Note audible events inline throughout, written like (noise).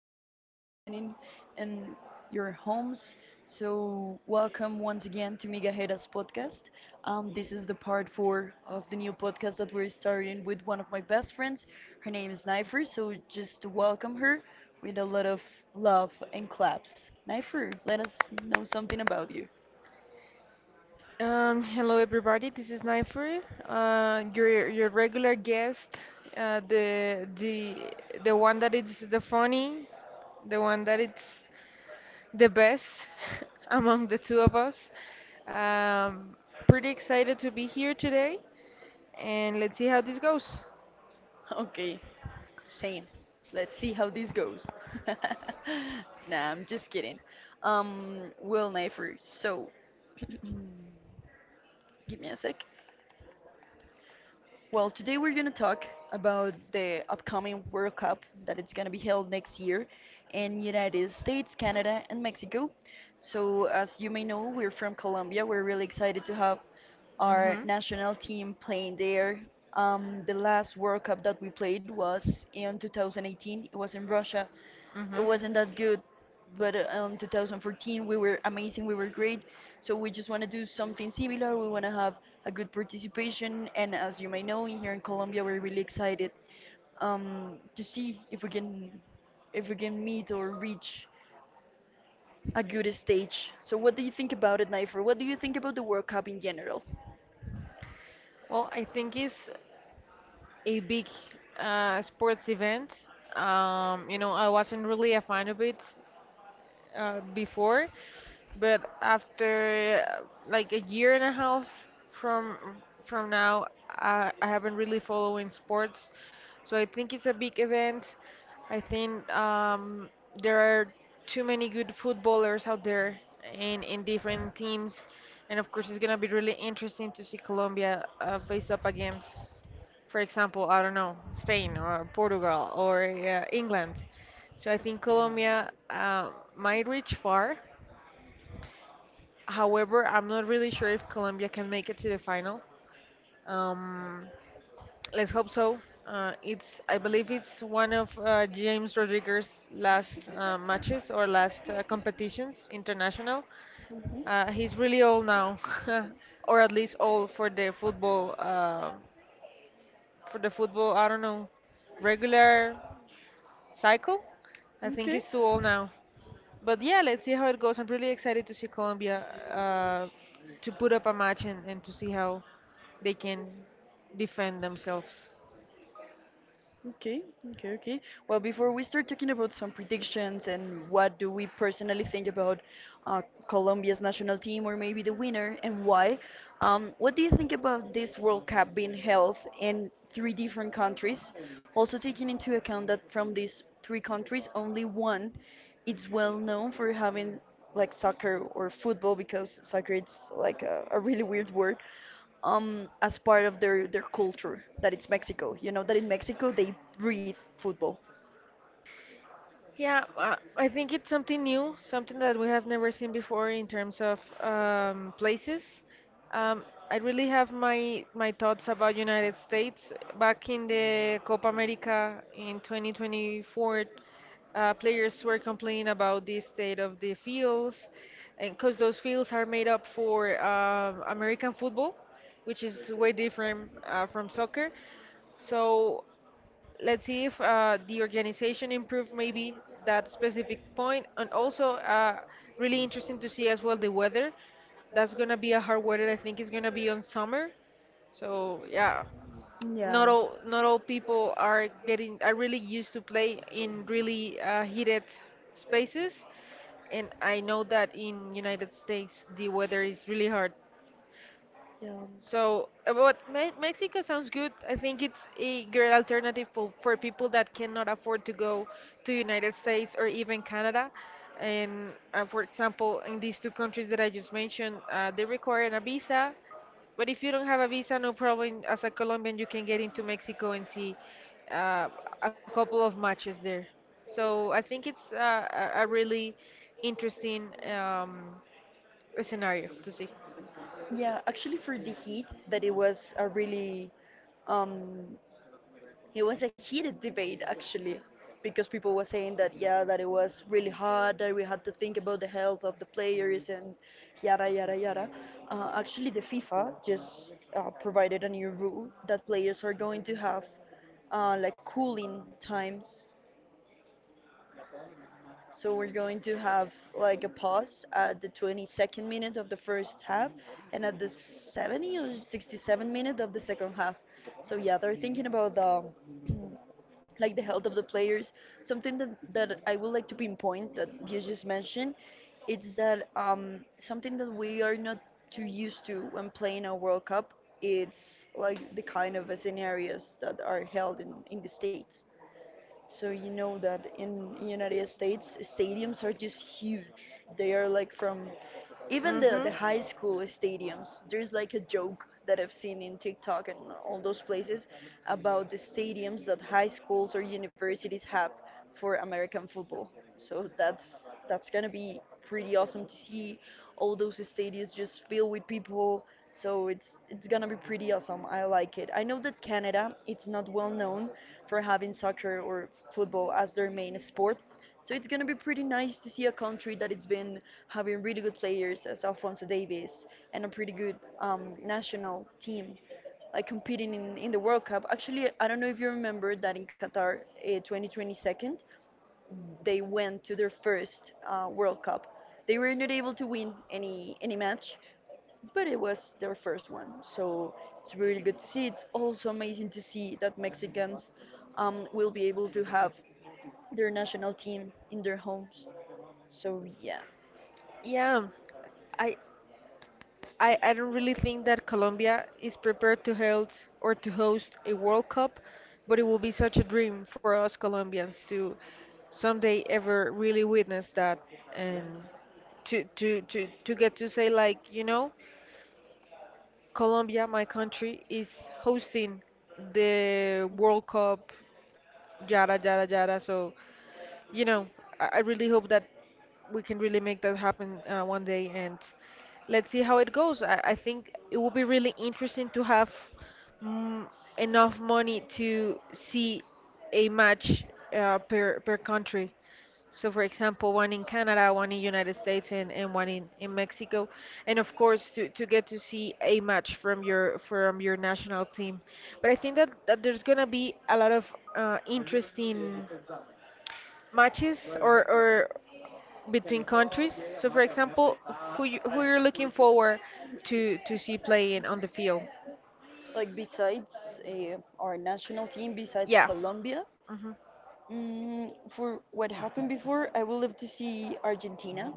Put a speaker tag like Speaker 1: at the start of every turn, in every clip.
Speaker 1: Everyone that is listening in your homes. So, welcome once again to Migajeras podcast. This is the part four of the new podcast that we're starting with one of my best friends. Her name is Nifer. So, just welcome her with a lot of love and claps. Nifer, let us know something about you.
Speaker 2: Capri, your regular guest, uh, the the the one that is the funny, the one that it's the best (laughs) among the two of us. Um, Pretty excited to be here today, and let's see how this goes.
Speaker 1: Okay, same. Let's see how this goes. (laughs) Nah, I'm just kidding. Well, Nafer, so (clears throat) give me a sec. Well, today we're going to talk about the upcoming World Cup that it's going to be held next year in United States, Canada, and Mexico. So, as you may know, we're from Colombia. We're really excited to have our
Speaker 2: Mm-hmm.
Speaker 1: national team playing there. The last World Cup that we played was in 2018. It was in Russia, it
Speaker 2: Mm-hmm.
Speaker 1: wasn't that good. But 2014, we were amazing, we were great. So we just want to do something similar. We want to have a good participation. And as you may know, in here in Colombia, we're really excited to see if we can meet or reach a good stage. So what do you think about it, Nifer? What do you think about the World Cup in general?
Speaker 2: Well, I think it's a big sports event. You know, I wasn't really a fan of it before, but after like a year and a half from now, I haven't really following sports, so I think it's a big event. I think there are too many good footballers out there in different teams, and of course it's gonna be really interesting to see Colombia face up against, for example, I don't know, Spain or Portugal or England. So I think Colombia might reach far. However, I'm not really sure if Colombia can make it to the final. Um, let's hope so. It's I believe it's one of James Rodriguez's last matches or last competitions international.
Speaker 1: Mhm.
Speaker 2: He's really old now, (laughs) or at least old for the football. For the football, I don't know, regular cycle. I think he's
Speaker 1: Okay.
Speaker 2: too old now. But yeah, let's see how it goes. I'm really excited to see Colombia uh, to put up a match and to see how they can defend themselves.
Speaker 1: Okay, okay. Well, before we start talking about some predictions and what do we personally think about uh, Colombia's national team or maybe the winner and why, what do you think about this World Cup being held in three different countries? Also taking into account that from these three countries, only one it's well known for having like soccer or football because soccer it's like a really weird word as part of their culture that it's Mexico. You know that in Mexico they breathe football.
Speaker 2: Yeah, I think it's something new, something that we have never seen before in terms of places. I really have my thoughts about United States back in the Copa America in 2024. Players were complaining about the state of the fields, and because those fields are made up for American football, which is way different from soccer. So let's see if the organization improved maybe that specific point, and also really interesting to see as well the weather. That's gonna be a hard weather. I think it's gonna be on summer, so yeah. not
Speaker 1: Yeah.
Speaker 2: all not all people are getting are really used to play in really heated spaces, and I know that in United States the weather is really hard.
Speaker 1: Yeah.
Speaker 2: So, but Mexico sounds good. I think it's a great alternative for people that cannot afford to go to United States or even Canada. And for example, in these two countries that I just mentioned, they require a visa. But if you don't have a visa, no problem. As a Colombian, you can get into Mexico and see uh, a couple of matches there. So I think it's a really interesting scenario to see.
Speaker 1: Yeah, actually, for the heat, that it was a really um, it was a heated debate actually, because people were saying that yeah, that it was really hard, that we had to think about the health of the players and yada yada yada. Actually, the FIFA just provided a new rule that players are going to have like cooling times. So we're going to have like a pause at the 22nd minute of the first half and at the 70 or 67 minute of the second half. So yeah, they're thinking about the (clears throat) like the health of the players. Something that I would like to pinpoint that you just mentioned, it's that something that we are not too used to when playing a World Cup. It's like the kind of scenarios that are held in the States. So you know that in United States, stadiums are just huge. They are like from even the
Speaker 2: Hmm.
Speaker 1: the high school stadiums. There's like a joke that I've seen in TikTok and all those places about the stadiums that high schools or universities have for American football. So that's gonna be pretty awesome to see all those stadiums just filled with people. So it's gonna be pretty awesome. I like it. I know that Canada it's not well known for having soccer or football as their main sport. So it's gonna be pretty nice to see a country that it's been having really good players as Alfonso Davies, and a pretty good national team like competing in the World Cup. Actually, I don't know if you remember that in Qatar 2022, they went to their first World Cup. They were not able to win any match, but it was their first one. So it's really good to see. It's also amazing to see that Mexicans will be able to have their national team in their homes. So
Speaker 2: Yeah, I I don't really think that Colombia is prepared to hold or to host a World Cup, but it will be such a dream for us Colombians to someday ever really witness that, and to get to say like, you know, Colombia, my country, is hosting the World Cup, yada, yada, yada. So, you know, I really hope that we can really make that happen one day, and let's see how it goes. I think it will be really interesting to have mm, enough money to see a match per country. So, for example, one in Canada, one in United States, and one in Mexico, and of course to get to see a match from your national team. But I think that, that there's gonna be a lot of interesting matches
Speaker 1: yeah.
Speaker 2: or between countries. So, for example, who you're looking
Speaker 1: (laughs)
Speaker 2: forward to see playing on the field?
Speaker 1: Like besides our national team, besides
Speaker 2: Yeah.
Speaker 1: Colombia,
Speaker 2: Hmm.
Speaker 1: mm, for what happened before, I would love to see Argentina.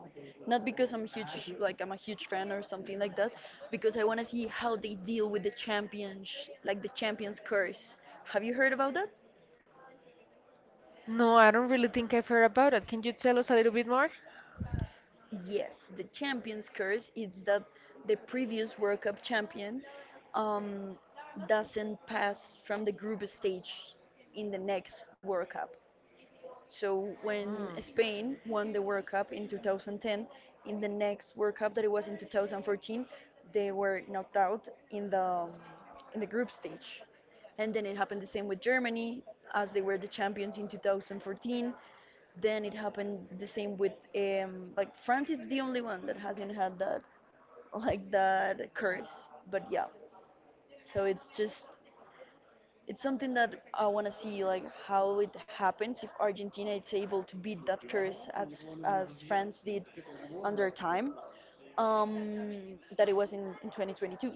Speaker 1: Not because I'm huge, like I'm a huge fan or something like that, because I want to see how they deal with the champions, like the champions curse. Have you heard about that?
Speaker 2: No, I don't really think I've heard about it. Can you tell us a little bit more?
Speaker 1: Yes, the champions curse is that the previous World Cup champion um, doesn't pass from the group stage in the next World Cup. So when Spain won the World Cup in 2010, in the next World Cup that it was in 2014, they were knocked out in the group stage. And then it happened the same with Germany, as they were the champions in 2014. Then it happened the same with like France is the only one that hasn't had that like that curse. But yeah, so it's just it's something that I want to see like how it happens if Argentina is able to beat that curse as France did on their time that it was in 2022.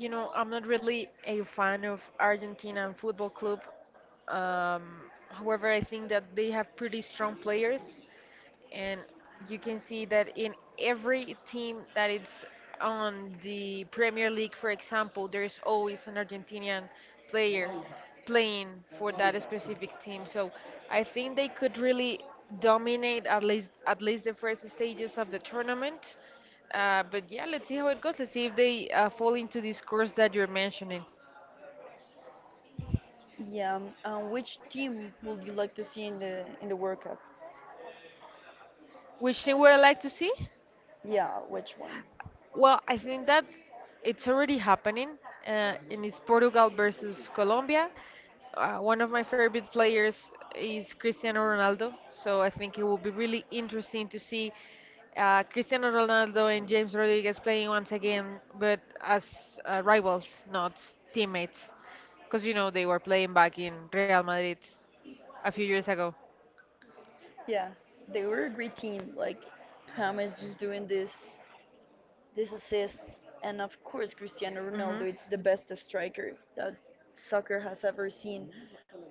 Speaker 2: You know, I'm not really a fan of Argentina and football club. Um, however, I think that they have pretty strong players, and you can see that in every team that it's on the Premier League, for example, there is always an Argentinian player playing for that specific team. So I think they could really dominate at least the first stages of the tournament. But yeah, let's see how it goes. Let's see if they fall into this course that you're mentioning.
Speaker 1: Yeah. Which team would you like to see in the World Cup?
Speaker 2: Which team would I like to see?
Speaker 1: Yeah. Which one?
Speaker 2: Well, I think that it's already happening, and it's Portugal versus Colombia. One of my favorite players is Cristiano Ronaldo, so I think it will be really interesting to see Cristiano Ronaldo and James Rodriguez playing once again, but as rivals, not teammates, because you know they were playing back in Real Madrid a few years ago.
Speaker 1: Yeah. They were a great team. Like James just doing this these assists, and of course Cristiano Ronaldo, it's the best striker that soccer has ever seen.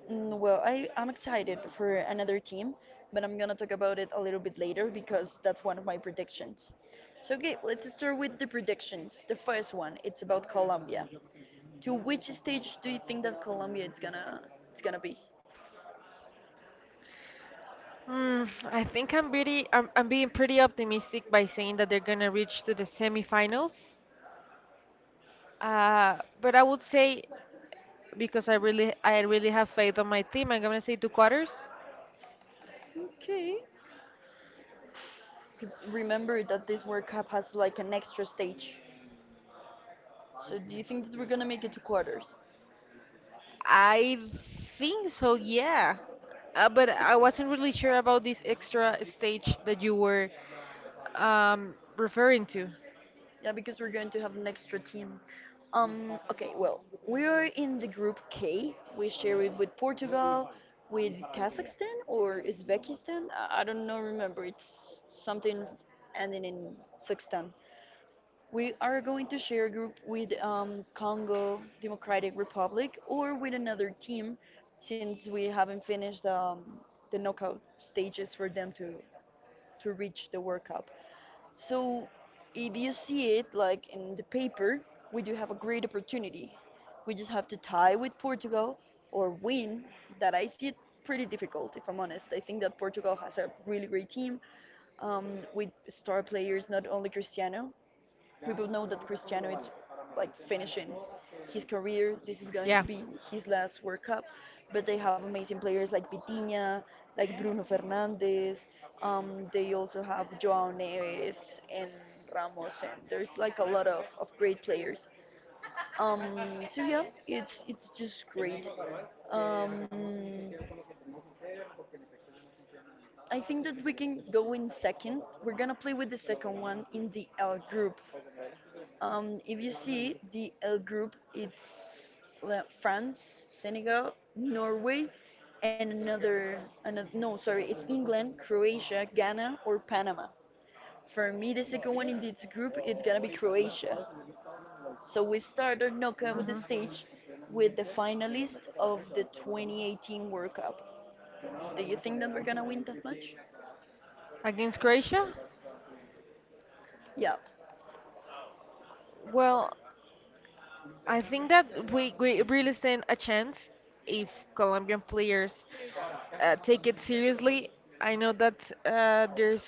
Speaker 1: Mm, well, I'm excited for another team, but I'm gonna talk about it a little bit later because that's one of my predictions. So, okay, let's start with the predictions. The first one, it's about Colombia. To which stage do you think that Colombia is gonna it's gonna be?
Speaker 2: Mm, I think I'm pretty, I'm being pretty optimistic by saying that they're gonna reach to the semifinals. But I would say, because I really have faith on my team, I'm gonna say two quarters.
Speaker 1: Okay. Okay, remember that this World Cup has like an extra stage. So do you think that we're gonna make it to quarters?
Speaker 2: I think so, yeah. But I wasn't really sure about this extra stage that you were referring to.
Speaker 1: Yeah, because we're going to have an extra team. Okay, well, we are in the group K. We share it with Portugal, with Kazakhstan or Uzbekistan. I don't know, remember. It's something ending in Sextan. We are going to share a group with Congo Democratic Republic or with another team since we haven't finished the knockout stages for to reach the World Cup. So if you see it like in the paper, we do have a great opportunity. We just have to tie with Portugal or win. That I see it pretty difficult, if I'm honest. I think that Portugal has a really great team um, with star players, not only Cristiano. People know that Cristiano is like finishing his career. This is going to
Speaker 2: Yeah.
Speaker 1: be his last World Cup, but they have amazing players like Vitinha, like Bruno Fernandes. They also have Joao Neves and Ramos, and there's like a lot of great players. So it's just great. Um, I think that we can go in second. We're gonna play with the second one in the L group. If you see the L group, it's like France, Senegal, Norway, and another, another no, sorry, it's England, Croatia, Ghana, or Panama. For me, the second one in this group, it's gonna be Croatia. So we start our knockout
Speaker 2: Hmm.
Speaker 1: stage with the finalist of the 2018 World Cup. Do you think that we're gonna win that match?
Speaker 2: Against Croatia?
Speaker 1: Yeah.
Speaker 2: Well, I think that we really stand a chance if Colombian players take it seriously. I know that there's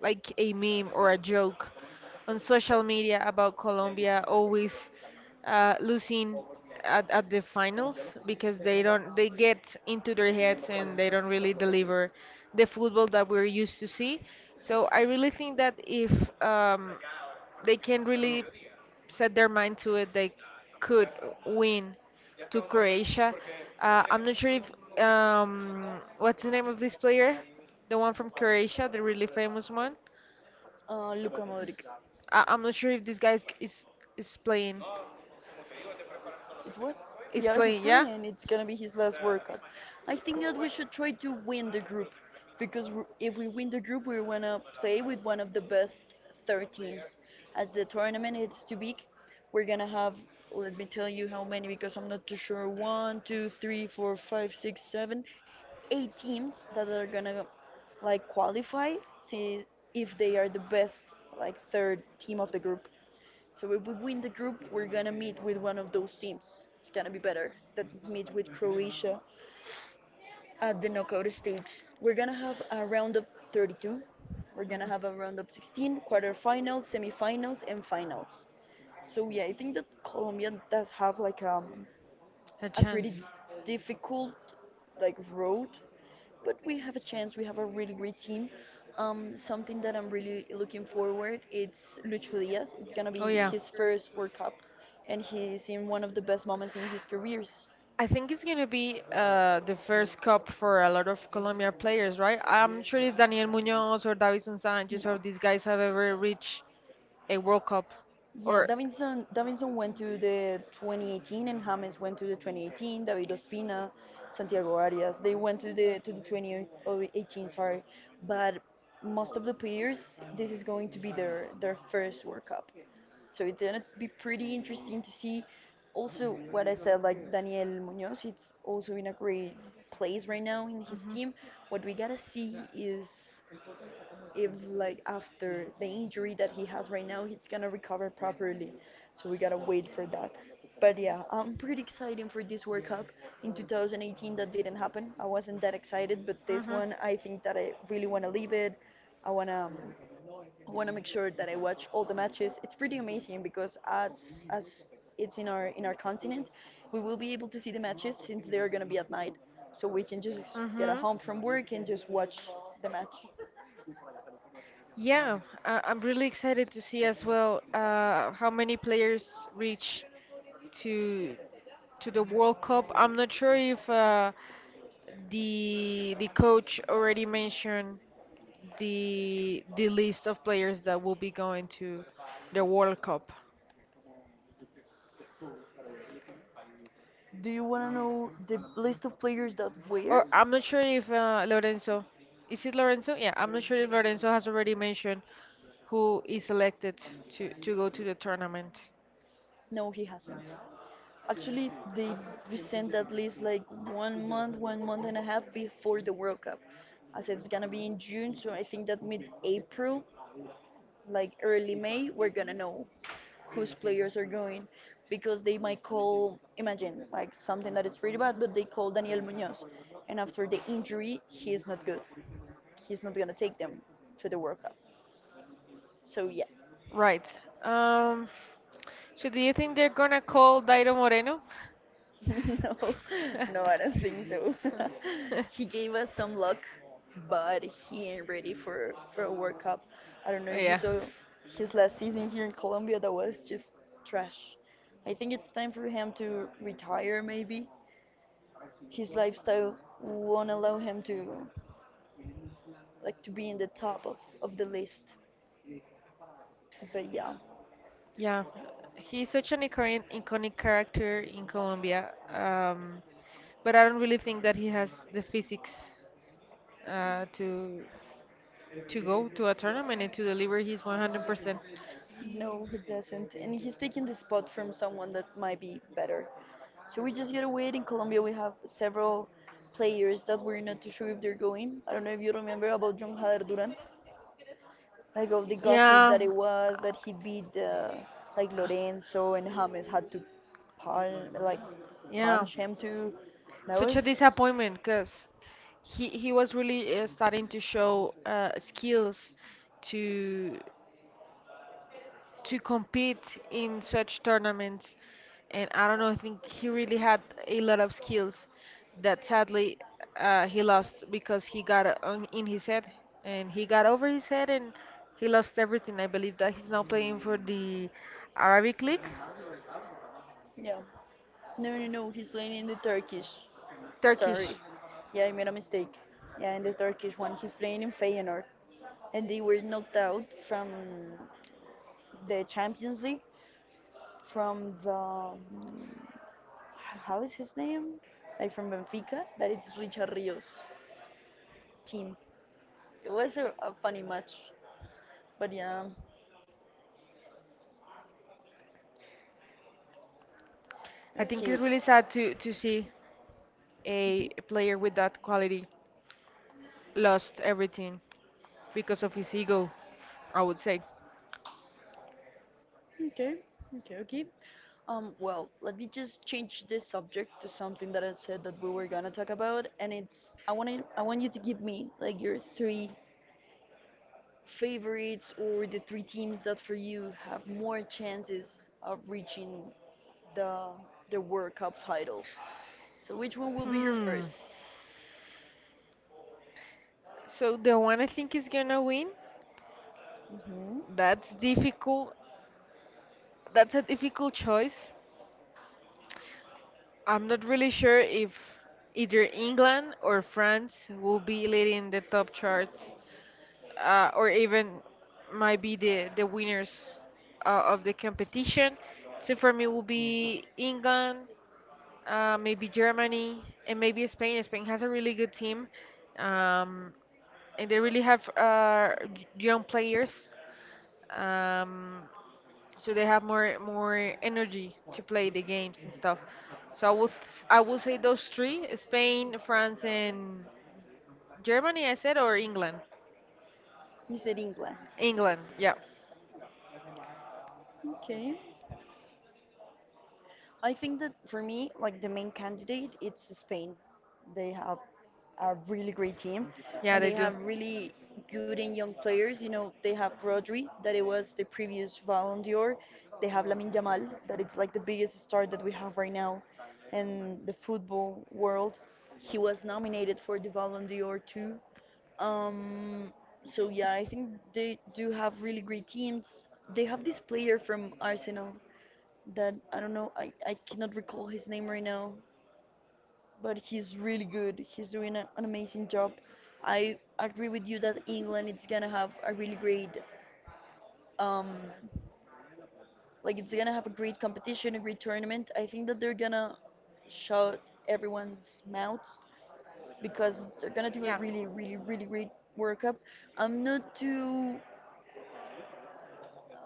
Speaker 2: like a meme or a joke on social media about Colombia always losing at the finals because they don't they get into their heads and they don't really deliver the football that we're used to see. So I really think that if um, they can really set their mind to it, they could win to Croatia. I'm not sure if what's the name of this player, the one from Croatia, the really famous one.
Speaker 1: Ah, Luka Modric.
Speaker 2: I'm not sure if this guy is playing.
Speaker 1: It's what?
Speaker 2: Is
Speaker 1: Yeah, he's
Speaker 2: playing, yeah.
Speaker 1: playing. It's gonna be his last World Cup. I think that we should try to win the group because if we win the group, we wanna play with one of the best third teams. As the tournament is too big, we're gonna have. Let me tell you how many because I'm not too sure. One, two, three, four, five, six, seven, eight teams that are gonna like qualify. See if they are the best like third team of the group. So if we win the group, we're gonna meet with one of those teams. It's gonna be better that meet with Croatia at the knockout stage. We're gonna have a round of 32. We're gonna
Speaker 2: Mhm.
Speaker 1: have a round of 16, quarterfinals, semifinals, and finals. So yeah, I think that Colombia does have like
Speaker 2: A
Speaker 1: a pretty
Speaker 2: chance.
Speaker 1: difficult like road but we have a chance. We have a really great team. Something that I'm really looking forward it's Lucho Diaz. It's gonna
Speaker 2: Oh,
Speaker 1: be
Speaker 2: yeah.
Speaker 1: his first World Cup, and he's in one of the best moments in his careers.
Speaker 2: I think it's gonna be the first cup for a lot of Colombia players, right? I'm sure if Daniel Munoz or Davison Sanchez
Speaker 1: No.
Speaker 2: or these guys have ever reached a World Cup,
Speaker 1: Yeah,
Speaker 2: or
Speaker 1: Davinson went to the 2018 and James went to the 2018, David Ospina, Santiago Arias, they went to the 2018, sorry. But most of the players, this is going to be their first World Cup. So it's gonna be pretty interesting to see. Also, what I said, like Daniel Munoz, he's also in a great place right now in his
Speaker 2: Mhm.
Speaker 1: team. What we gotta see is if after the injury that he has right now, he's gonna recover properly, so we gotta wait for that. But yeah, I'm pretty excited for this World Cup. In 2018, that didn't happen. I wasn't that excited, but this
Speaker 2: Mm-hmm.
Speaker 1: one, I think that I really want to leave it. i want to I want to make sure that I watch all the matches. It's pretty amazing because as it's in our continent, we will be able to see the matches since they're gonna be at night, so we can just get a
Speaker 2: Mm-hmm.
Speaker 1: home from work and just watch the match.
Speaker 2: Yeah, I'm really excited to see as well how many players reach to to the World Cup. I'm not sure if the coach already mentioned the list of players that will be going to the World Cup.
Speaker 1: Do you want to know the list of players that were?
Speaker 2: Or I'm not sure if Lorenzo, is it Lorenzo? Yeah, I'm not sure if Lorenzo has already mentioned who is selected to go to the tournament.
Speaker 1: No, he hasn't. Actually, they present that list like 1 month, 1 month and a half before the World Cup. I said it's gonna be in June, so I think that mid-April, like early May, we're gonna know whose players are going, because they might call, imagine, like something that is pretty bad, but they call Daniel Munoz, and after the injury, he is not good. He's not gonna take them to the World Cup. So yeah.
Speaker 2: Right. Um, so do you think they're gonna call Dairo Moreno?
Speaker 1: (laughs) No,
Speaker 2: (laughs)
Speaker 1: no, I don't think so. (laughs) He gave us some luck, but he ain't ready for a World Cup. I don't
Speaker 2: Oh,
Speaker 1: know if you
Speaker 2: yeah.
Speaker 1: saw his last season here in Colombia. That was just trash. I think it's time for him to retire. Maybe his lifestyle won't allow him to to be in the top of the list. But yeah.
Speaker 2: Yeah, he's such an iconic character in Colombia, um, but I don't really think that he has the physics to go to a tournament and to deliver his 100%.
Speaker 1: No, he doesn't. And he's taking the spot from someone that might be better. So we just gotta wait. In Colombia, we have several players that we're not too sure if they're going. I don't know if you remember about John Hader Duran, like of the gossip
Speaker 2: Yeah,
Speaker 1: that it was that he beat like Lorenzo and James had to punch, like
Speaker 2: yeah,
Speaker 1: punch him too. That
Speaker 2: such
Speaker 1: was.
Speaker 2: a disappointment because he was really starting to show skills to to compete in such tournaments. And I don't know, I think he really had a lot of skills that sadly he lost because he got in his head and he got over his head and he lost everything. I believe that he's now playing for the Arabic League.
Speaker 1: Yeah. No, no, no. He's playing in the Turkish.
Speaker 2: Turkish.
Speaker 1: Sorry. Yeah, I made a mistake. Yeah, in the Turkish one. He's playing in Feyenoord. And they were knocked out from the Champions League from How is his name? Like from Benfica. That it's Richard Rios' team. It was a funny match. But yeah.
Speaker 2: I think
Speaker 1: Okay.
Speaker 2: it's really sad to see a
Speaker 1: Mhm.
Speaker 2: player with that quality lost everything because of his ego, I would say.
Speaker 1: Okay, okay. Well, let me just change this subject to something that I said that we were gonna talk about, and it's I want you to give me like your three favorites or the three teams that for you have more chances of reaching the the World Cup title. So which one will be your
Speaker 2: Hmm.
Speaker 1: first?
Speaker 2: So the one I think is gonna win.
Speaker 1: Hmm.
Speaker 2: That's difficult. That's a difficult choice. I'm not really sure if either England or France will be leading the top charts, or even might be the winners of the competition. So for me, will be England, maybe Germany, and maybe Spain. Spain has a really good team, um, and they really have young players. Um, so they have more energy to play the games and stuff. So I will say those three: Spain, France, and Germany. I said or England.
Speaker 1: You said England.
Speaker 2: England. Yeah,
Speaker 1: Okay. I think that for me, like the main candidate, it's Spain. They have a really great team,
Speaker 2: yeah,
Speaker 1: and
Speaker 2: they
Speaker 1: they
Speaker 2: do.
Speaker 1: have really good and young players. You know, they have Rodri, that it was the previous Ballon d'Or. They have Lamine Yamal, that it's like the biggest star that we have right now in the football world. He was nominated for the Ballon d'Or too. Um, so yeah, I think they do have really great teams. They have this player from Arsenal that I don't know, I cannot recall his name right now, but he's really good. He's doing an amazing job. I agree with you that England it's gonna have a really great, um like it's gonna have a great competition, a great tournament. I think that they're gonna shut everyone's mouth because they're gonna do a
Speaker 2: Yeah.
Speaker 1: really, really, really great World Cup. I'm not too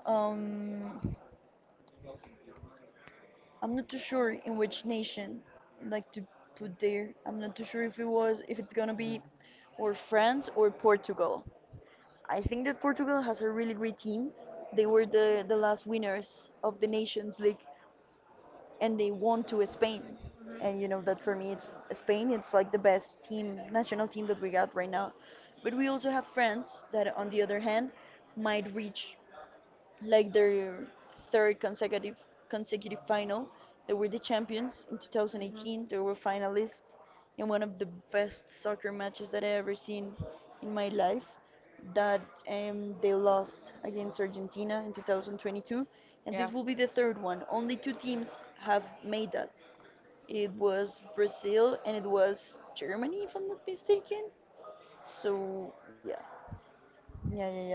Speaker 1: um I'm not too sure in which nation I'd like to put there. I'm not too sure if it was if it's gonna be or France or Portugal. I think that Portugal has a really great team. They were the last winners of the Nations League and they won to Spain. And
Speaker 2: Hmm.
Speaker 1: you know that for me it's Spain, it's like the best team, national team that we got right now. But we also have France that on the other hand might reach like their third consecutive final. They were the champions in
Speaker 2: Hmm.
Speaker 1: 2018. They were finalists in one of the best soccer matches that I ever seen in my life. That they lost against Argentina in 2022, and
Speaker 2: Yeah.
Speaker 1: this will be the third one. Only two teams have made that. It was Brazil and it was Germany, if I'm not mistaken. So yeah.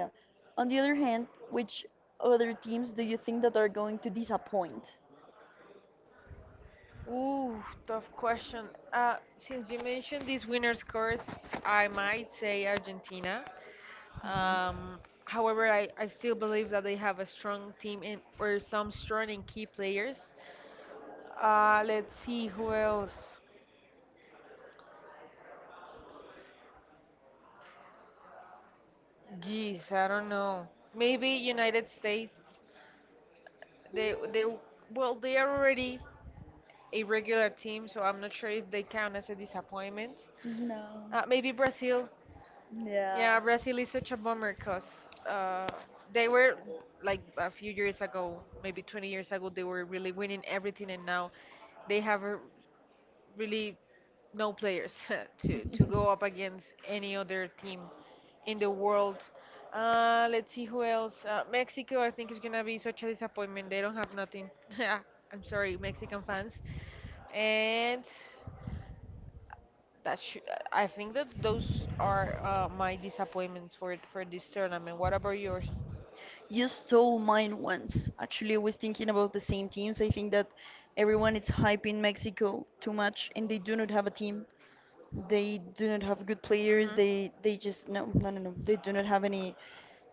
Speaker 1: On the other hand, which other teams do you think that are going to disappoint?
Speaker 2: Ooh, tough question. Since you mentioned these winners' course, I might say Argentina. Um, however, I still believe that they have a strong team in, or some strong and key players. Let's see who else. Geez, I don't know. Maybe United States. They well they are already a regular team, so I'm not sure if they count as a disappointment.
Speaker 1: No.
Speaker 2: Maybe Brazil.
Speaker 1: Yeah.
Speaker 2: Yeah, Brazil is such a bummer because uh, they were like a few years ago, maybe 20 years ago, they were really winning everything, and now they have really no players (laughs) to go up against any other team in the world. Let's see who else. Mexico, I think is gonna be such a disappointment. They don't have nothing. (laughs) I'm sorry, Mexican fans. And that should, I think that those are my disappointments for this tournament. What about yours?
Speaker 1: You stole mine once. Actually, I was thinking about the same teams. I think that everyone is hyping Mexico too much and they do not have a team. They do not have good players.
Speaker 2: Hmm.
Speaker 1: They just no. They do not have any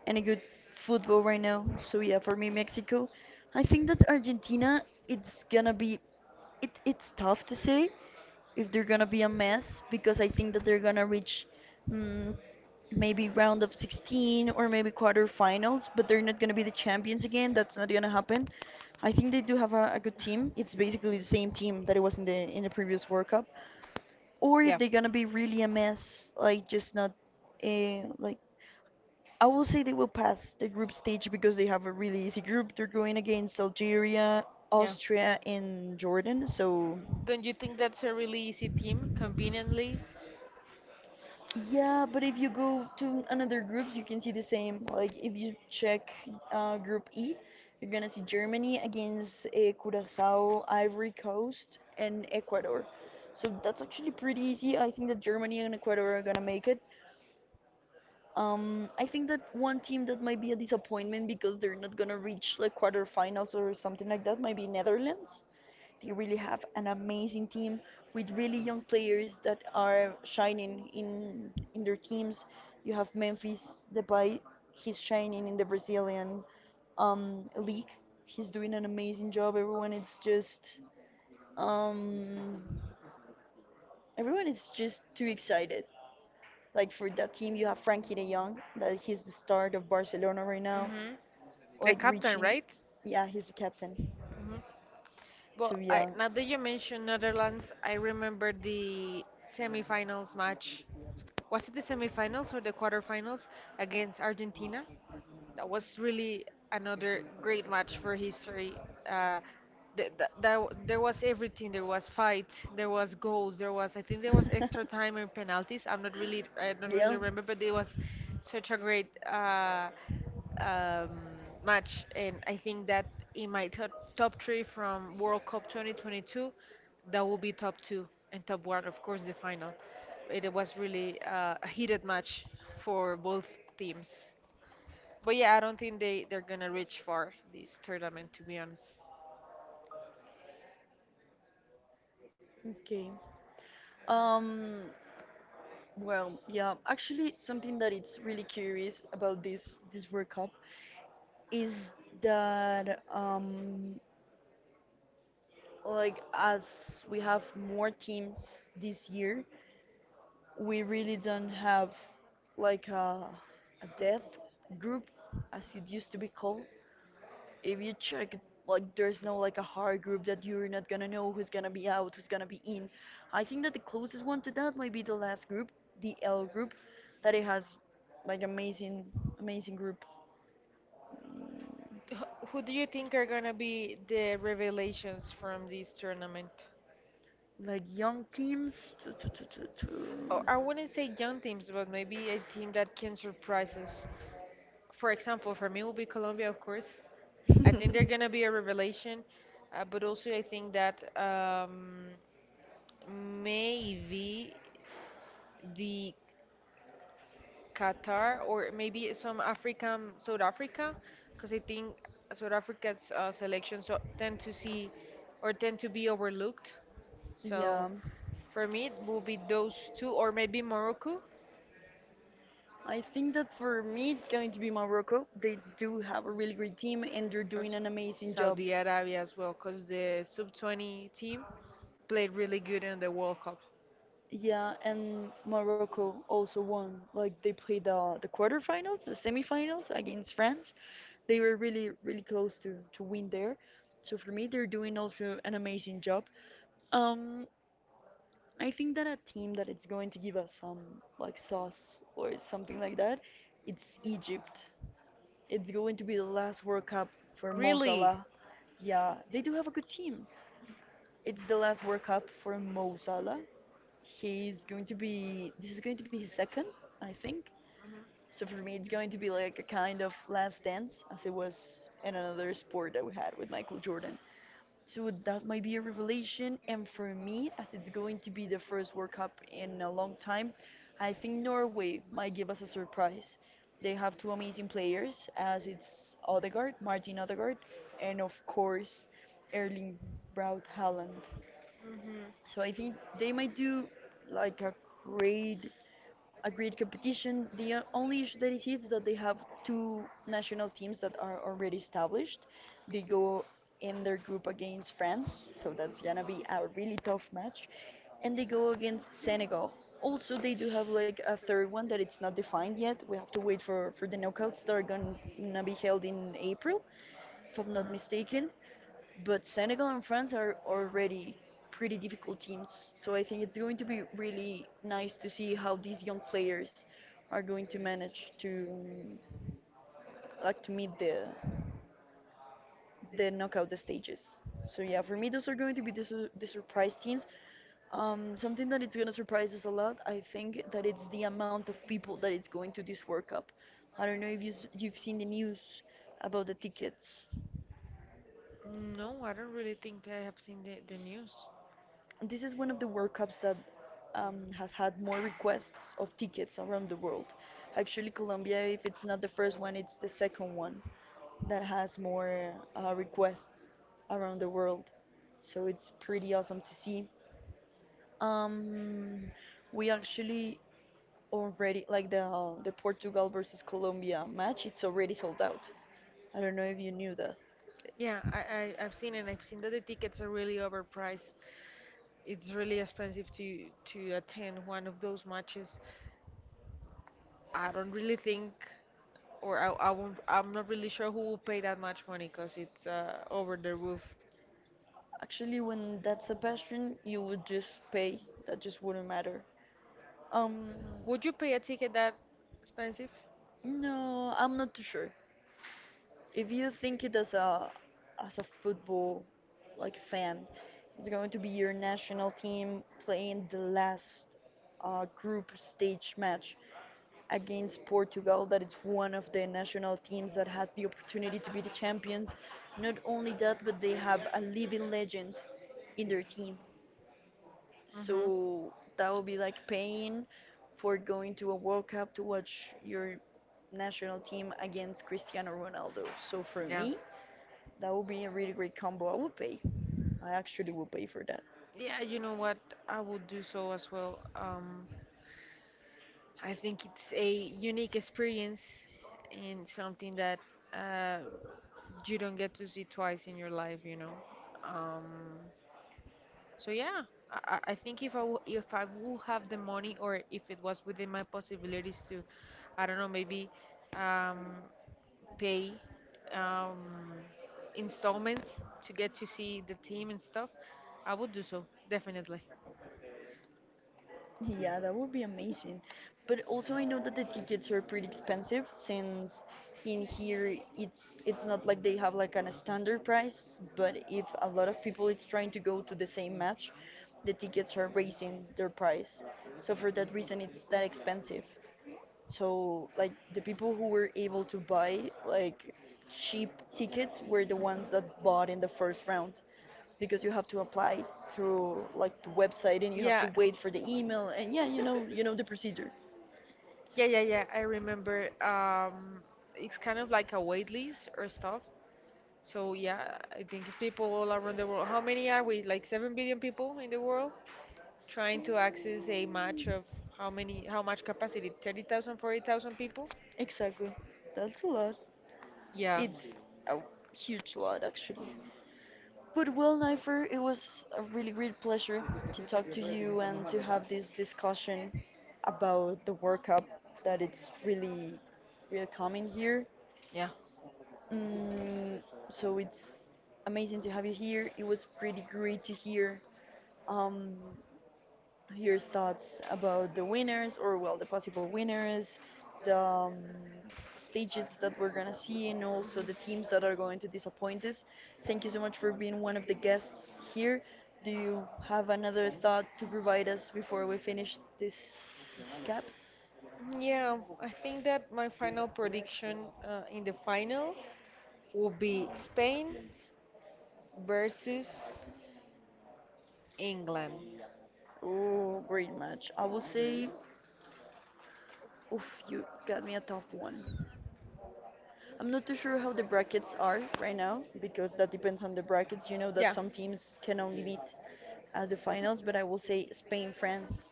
Speaker 1: good football right now. So yeah, for me, Mexico. I think that Argentina it's gonna be, it's tough to say if they're gonna be a mess, because I think that they're gonna reach, mm, maybe round of 16 or maybe quarterfinals, but they're not gonna be the champions again. That's not gonna happen. I think they do have a good team. It's basically the same team that it was in the previous World Cup, or if
Speaker 2: Yeah,
Speaker 1: they're gonna be really a mess, like just not, like I will say they will pass the group stage because they have a really easy group. They're going against Algeria,
Speaker 2: yeah.
Speaker 1: Austria, and Jordan. So
Speaker 2: Don't you think that's a really easy team, conveniently?
Speaker 1: yeah, but if you go to another groups, you can see the same. Like if you check Group E, you're gonna see Germany against Curacao, Ivory Coast, and Ecuador. So that's actually pretty easy. I think that Germany and Ecuador are gonna make it. I think that one team that might be a disappointment because they're not gonna reach like quarterfinals or something like that might be Netherlands. They really have an amazing team with really young players that are shining in their teams. You have Memphis Depay, he's shining in the Brazilian league. He's doing an amazing job. Um, everyone is just too excited. Like for that team, you have Frankie de Jong, that he's the star of Barcelona right now.
Speaker 2: Mhm. The
Speaker 1: Like
Speaker 2: captain,
Speaker 1: reaching,
Speaker 2: right?
Speaker 1: yeah, he's the captain. So
Speaker 2: Well, I,
Speaker 1: yeah,
Speaker 2: now that you mention Netherlands, I remember the semifinals match. Was it the semifinals or the quarterfinals against Argentina? That was really another great match for history. Uh, there was everything. There was fight. There was goals. There was I think there was extra time
Speaker 1: (laughs)
Speaker 2: and penalties. I don't really
Speaker 1: yeah.
Speaker 2: remember, but it was such a great match, and I think that in my top three from World Cup 2022, that will be top two and top one, of course, the final. It was really a heated match for both teams. But yeah, I don't think they're gonna reach far this tournament, to be honest.
Speaker 1: Okay. Um. Well, yeah. Actually, something that it's really curious about this World Cup is that like as we have more teams this year, we really don't have like a death group as it used to be called. If you check, like there's no like a hard group that you're not gonna know who's gonna be out, who's gonna be in. I think that the closest one to that might be the last group, the L group, that it has like amazing, amazing group. Mm,
Speaker 2: Who do you think are gonna be the revelations from this tournament?
Speaker 1: like young teams, tu- tu- tu- tu-
Speaker 2: Oh,
Speaker 1: tu.
Speaker 2: I wouldn't say young teams, but maybe a team that can surprise us. For example, for me will be Colombia, of course. I think they're gonna be a revelation, but also I think that maybe the Qatar or maybe some African, South Africa, because I think South Africa's selections so tend to see or tend to be overlooked.
Speaker 1: yeah,
Speaker 2: So for me, it will be those two, or maybe Morocco
Speaker 1: I think that for me it's going to be Morocco. They do have a really great team and they're
Speaker 2: or
Speaker 1: doing an amazing job.
Speaker 2: Saudi Arabia as well, because the sub 20 team played really good in the World Cup.
Speaker 1: Yeah, and Morocco also won. Like they played the quarterfinals, the semifinals against France. They were really, really close to win there. So for me, they're doing also an amazing job. Um, I think that a team that it's going to give us some like sauce or something like that, it's Egypt. It's going to be the last World Cup for Mo
Speaker 2: Really?
Speaker 1: Salah. Yeah, they do have a good team. It's the last World Cup for Mo Salah. He's going to be. This is going to be his second, I think.
Speaker 2: Hmm
Speaker 1: So for me, it's going to be like a kind of last dance, as it was in another sport that we had with Michael Jordan. So that might be a revelation. And for me, as it's going to be the first World Cup in a long time, I think Norway might give us a surprise. They have two amazing players, as it's Odegaard, Martin Odegaard, and of course, Erling Braut Haaland.
Speaker 2: hmm
Speaker 1: So I think they might do like a great, a great competition. The o- only issue that it is that they have two national teams that are already established. They go in their group against France, so that's gonna be a really tough match. And they go against Senegal. Also, they do have like a third one that it's not defined yet. We have to wait for the knockouts that are gonna be held in April, if I'm not mistaken. But Senegal and France are already pretty difficult teams, so I think it's going to be really nice to see how these young players are going to manage to like to meet the knockout stages. So yeah, for me those are going to be the, su- the surprise teams. Something that it's going to surprise us a lot, I think that it's the amount of people that it's going to this World Cup. I don't know if you s- you've seen the news about the tickets.
Speaker 2: No, I don't really think I have seen the news.
Speaker 1: And this is one of the World Cups that has had more requests of tickets around the world. Actually, Colombia, if it's not the first one, it's the second one that has more requests around the world. So it's pretty awesome to see. Um, we actually already like the Portugal versus Colombia match. It's already sold out. I don't know if you knew that.
Speaker 2: Yeah, I've seen it. I've seen that the tickets are really overpriced. It's really expensive to attend one of those matches. I don't really think, or I won't, I'm not really sure who will pay that much money because it's over the roof.
Speaker 1: Actually, when that's a passion, you would just pay. That just wouldn't matter. Um,
Speaker 2: Would you pay a ticket that expensive?
Speaker 1: no, I'm not too sure. If you think it as a, as a football like fan, it's going to be your national team playing the last group stage match against Portugal. That it's one of the national teams that has the opportunity to be the champions. Not only that, but they have a living legend in their team.
Speaker 2: Mm-hmm.
Speaker 1: So that would be like paying for going to a World Cup to watch your national team against Cristiano Ronaldo. So for
Speaker 2: Yeah.
Speaker 1: me, that would be a really great combo. I would pay. I actually would pay for that.
Speaker 2: Yeah, you know what? I would do so as well. I think it's a unique experience and something that uh, you don't get to see twice in your life. Um, so yeah, I think if I would have the money or if it was within my possibilities to, I don't know, maybe um, pay um, installments to get to see the team and stuff, I would do so definitely.
Speaker 1: Yeah, that would be amazing. But also, I know that the tickets are pretty expensive since in here it's not like they have like an standard price, but if a lot of people it's trying to go to the same match, the tickets are raising their price. So for that reason, it's that expensive. So like the people who were able to buy like cheap tickets were the ones
Speaker 2: Mhm.
Speaker 1: that bought in the first round because you have to apply through like the website and you have
Speaker 2: Yeah,
Speaker 1: to wait for the email and yeah, you know the procedure.
Speaker 2: yeah, yeah, yeah. I remember. It's kind of like a wait list or stuff. So yeah, I think it's people all around the world. How many are we? Like 7 billion people in the world trying to access a match of how many? How much capacity? 30,000, 40,000 people?
Speaker 1: Exactly. That's a lot.
Speaker 2: Yeah,
Speaker 1: It's a huge lot, actually. But well, Nifer, it was a really great pleasure to talk to you and to have this discussion about the World Cup that it's really, really coming here.
Speaker 2: yeah.
Speaker 1: Mm, so it's amazing to have you here. It was pretty great to hear um, your thoughts about the winners, or well, the possible winners, the stages that we're gonna see, and also the teams that are going to disappoint us. Thank you so much for being one of the guests here. Do you have another thought to provide us before we finish this cap?
Speaker 2: Yeah, I think that my final prediction in the final will be Spain versus England.
Speaker 1: Yeah. Oh, great match. I will say, oof, you got me a tough one. I'm not too sure how the brackets are right now because that depends on the brackets. You know that
Speaker 2: Yeah,
Speaker 1: some teams can only meet at the finals, but I will say Spain, France.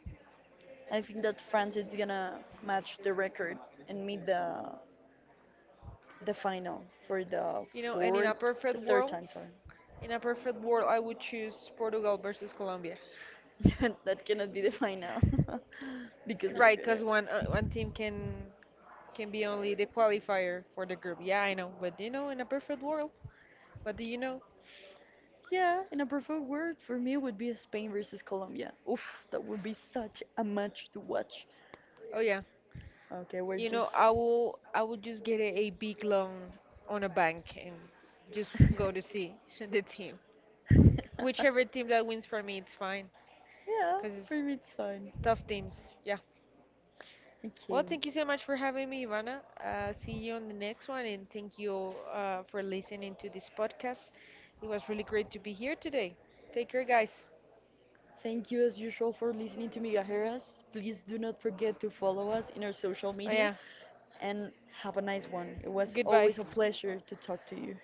Speaker 1: I think that France is gonna match the record and meet the final for the
Speaker 2: you know, and in a
Speaker 1: fourth,
Speaker 2: perfect
Speaker 1: the third
Speaker 2: world,
Speaker 1: time, sorry.
Speaker 2: in a perfect world, I would choose Portugal versus Colombia.
Speaker 1: (laughs) That cannot be the final (laughs) because of
Speaker 2: Right, because
Speaker 1: Qatar.
Speaker 2: one one team can be only the qualifier for the group. Yeah, I know, but you know, in a perfect world, what do you know?
Speaker 1: Yeah, and a perfect word for me would be Spain versus Colombia. Oof, that would be such a match to watch.
Speaker 2: Oh yeah,
Speaker 1: Okay,
Speaker 2: you
Speaker 1: we're
Speaker 2: know,
Speaker 1: just.
Speaker 2: I will just get a big loan on a bank and just go to
Speaker 1: (laughs)
Speaker 2: see (laughs) the team. Whichever team that wins for me, it's fine,
Speaker 1: Yeah,
Speaker 2: because
Speaker 1: for
Speaker 2: it's
Speaker 1: me it's fine.
Speaker 2: tough teams. Yeah. Well,
Speaker 1: Okay.
Speaker 2: thank you so much for having me, Ivana. See you on the next one, and thank you all for listening to this podcast. It was really great to be here today. Take care, guys.
Speaker 1: Thank you as usual for listening to Migajeras. Please do not forget to follow us in our social
Speaker 2: Oh,
Speaker 1: media
Speaker 2: yeah.
Speaker 1: and have a nice one. It was
Speaker 2: Goodbye.
Speaker 1: always a pleasure to talk to you.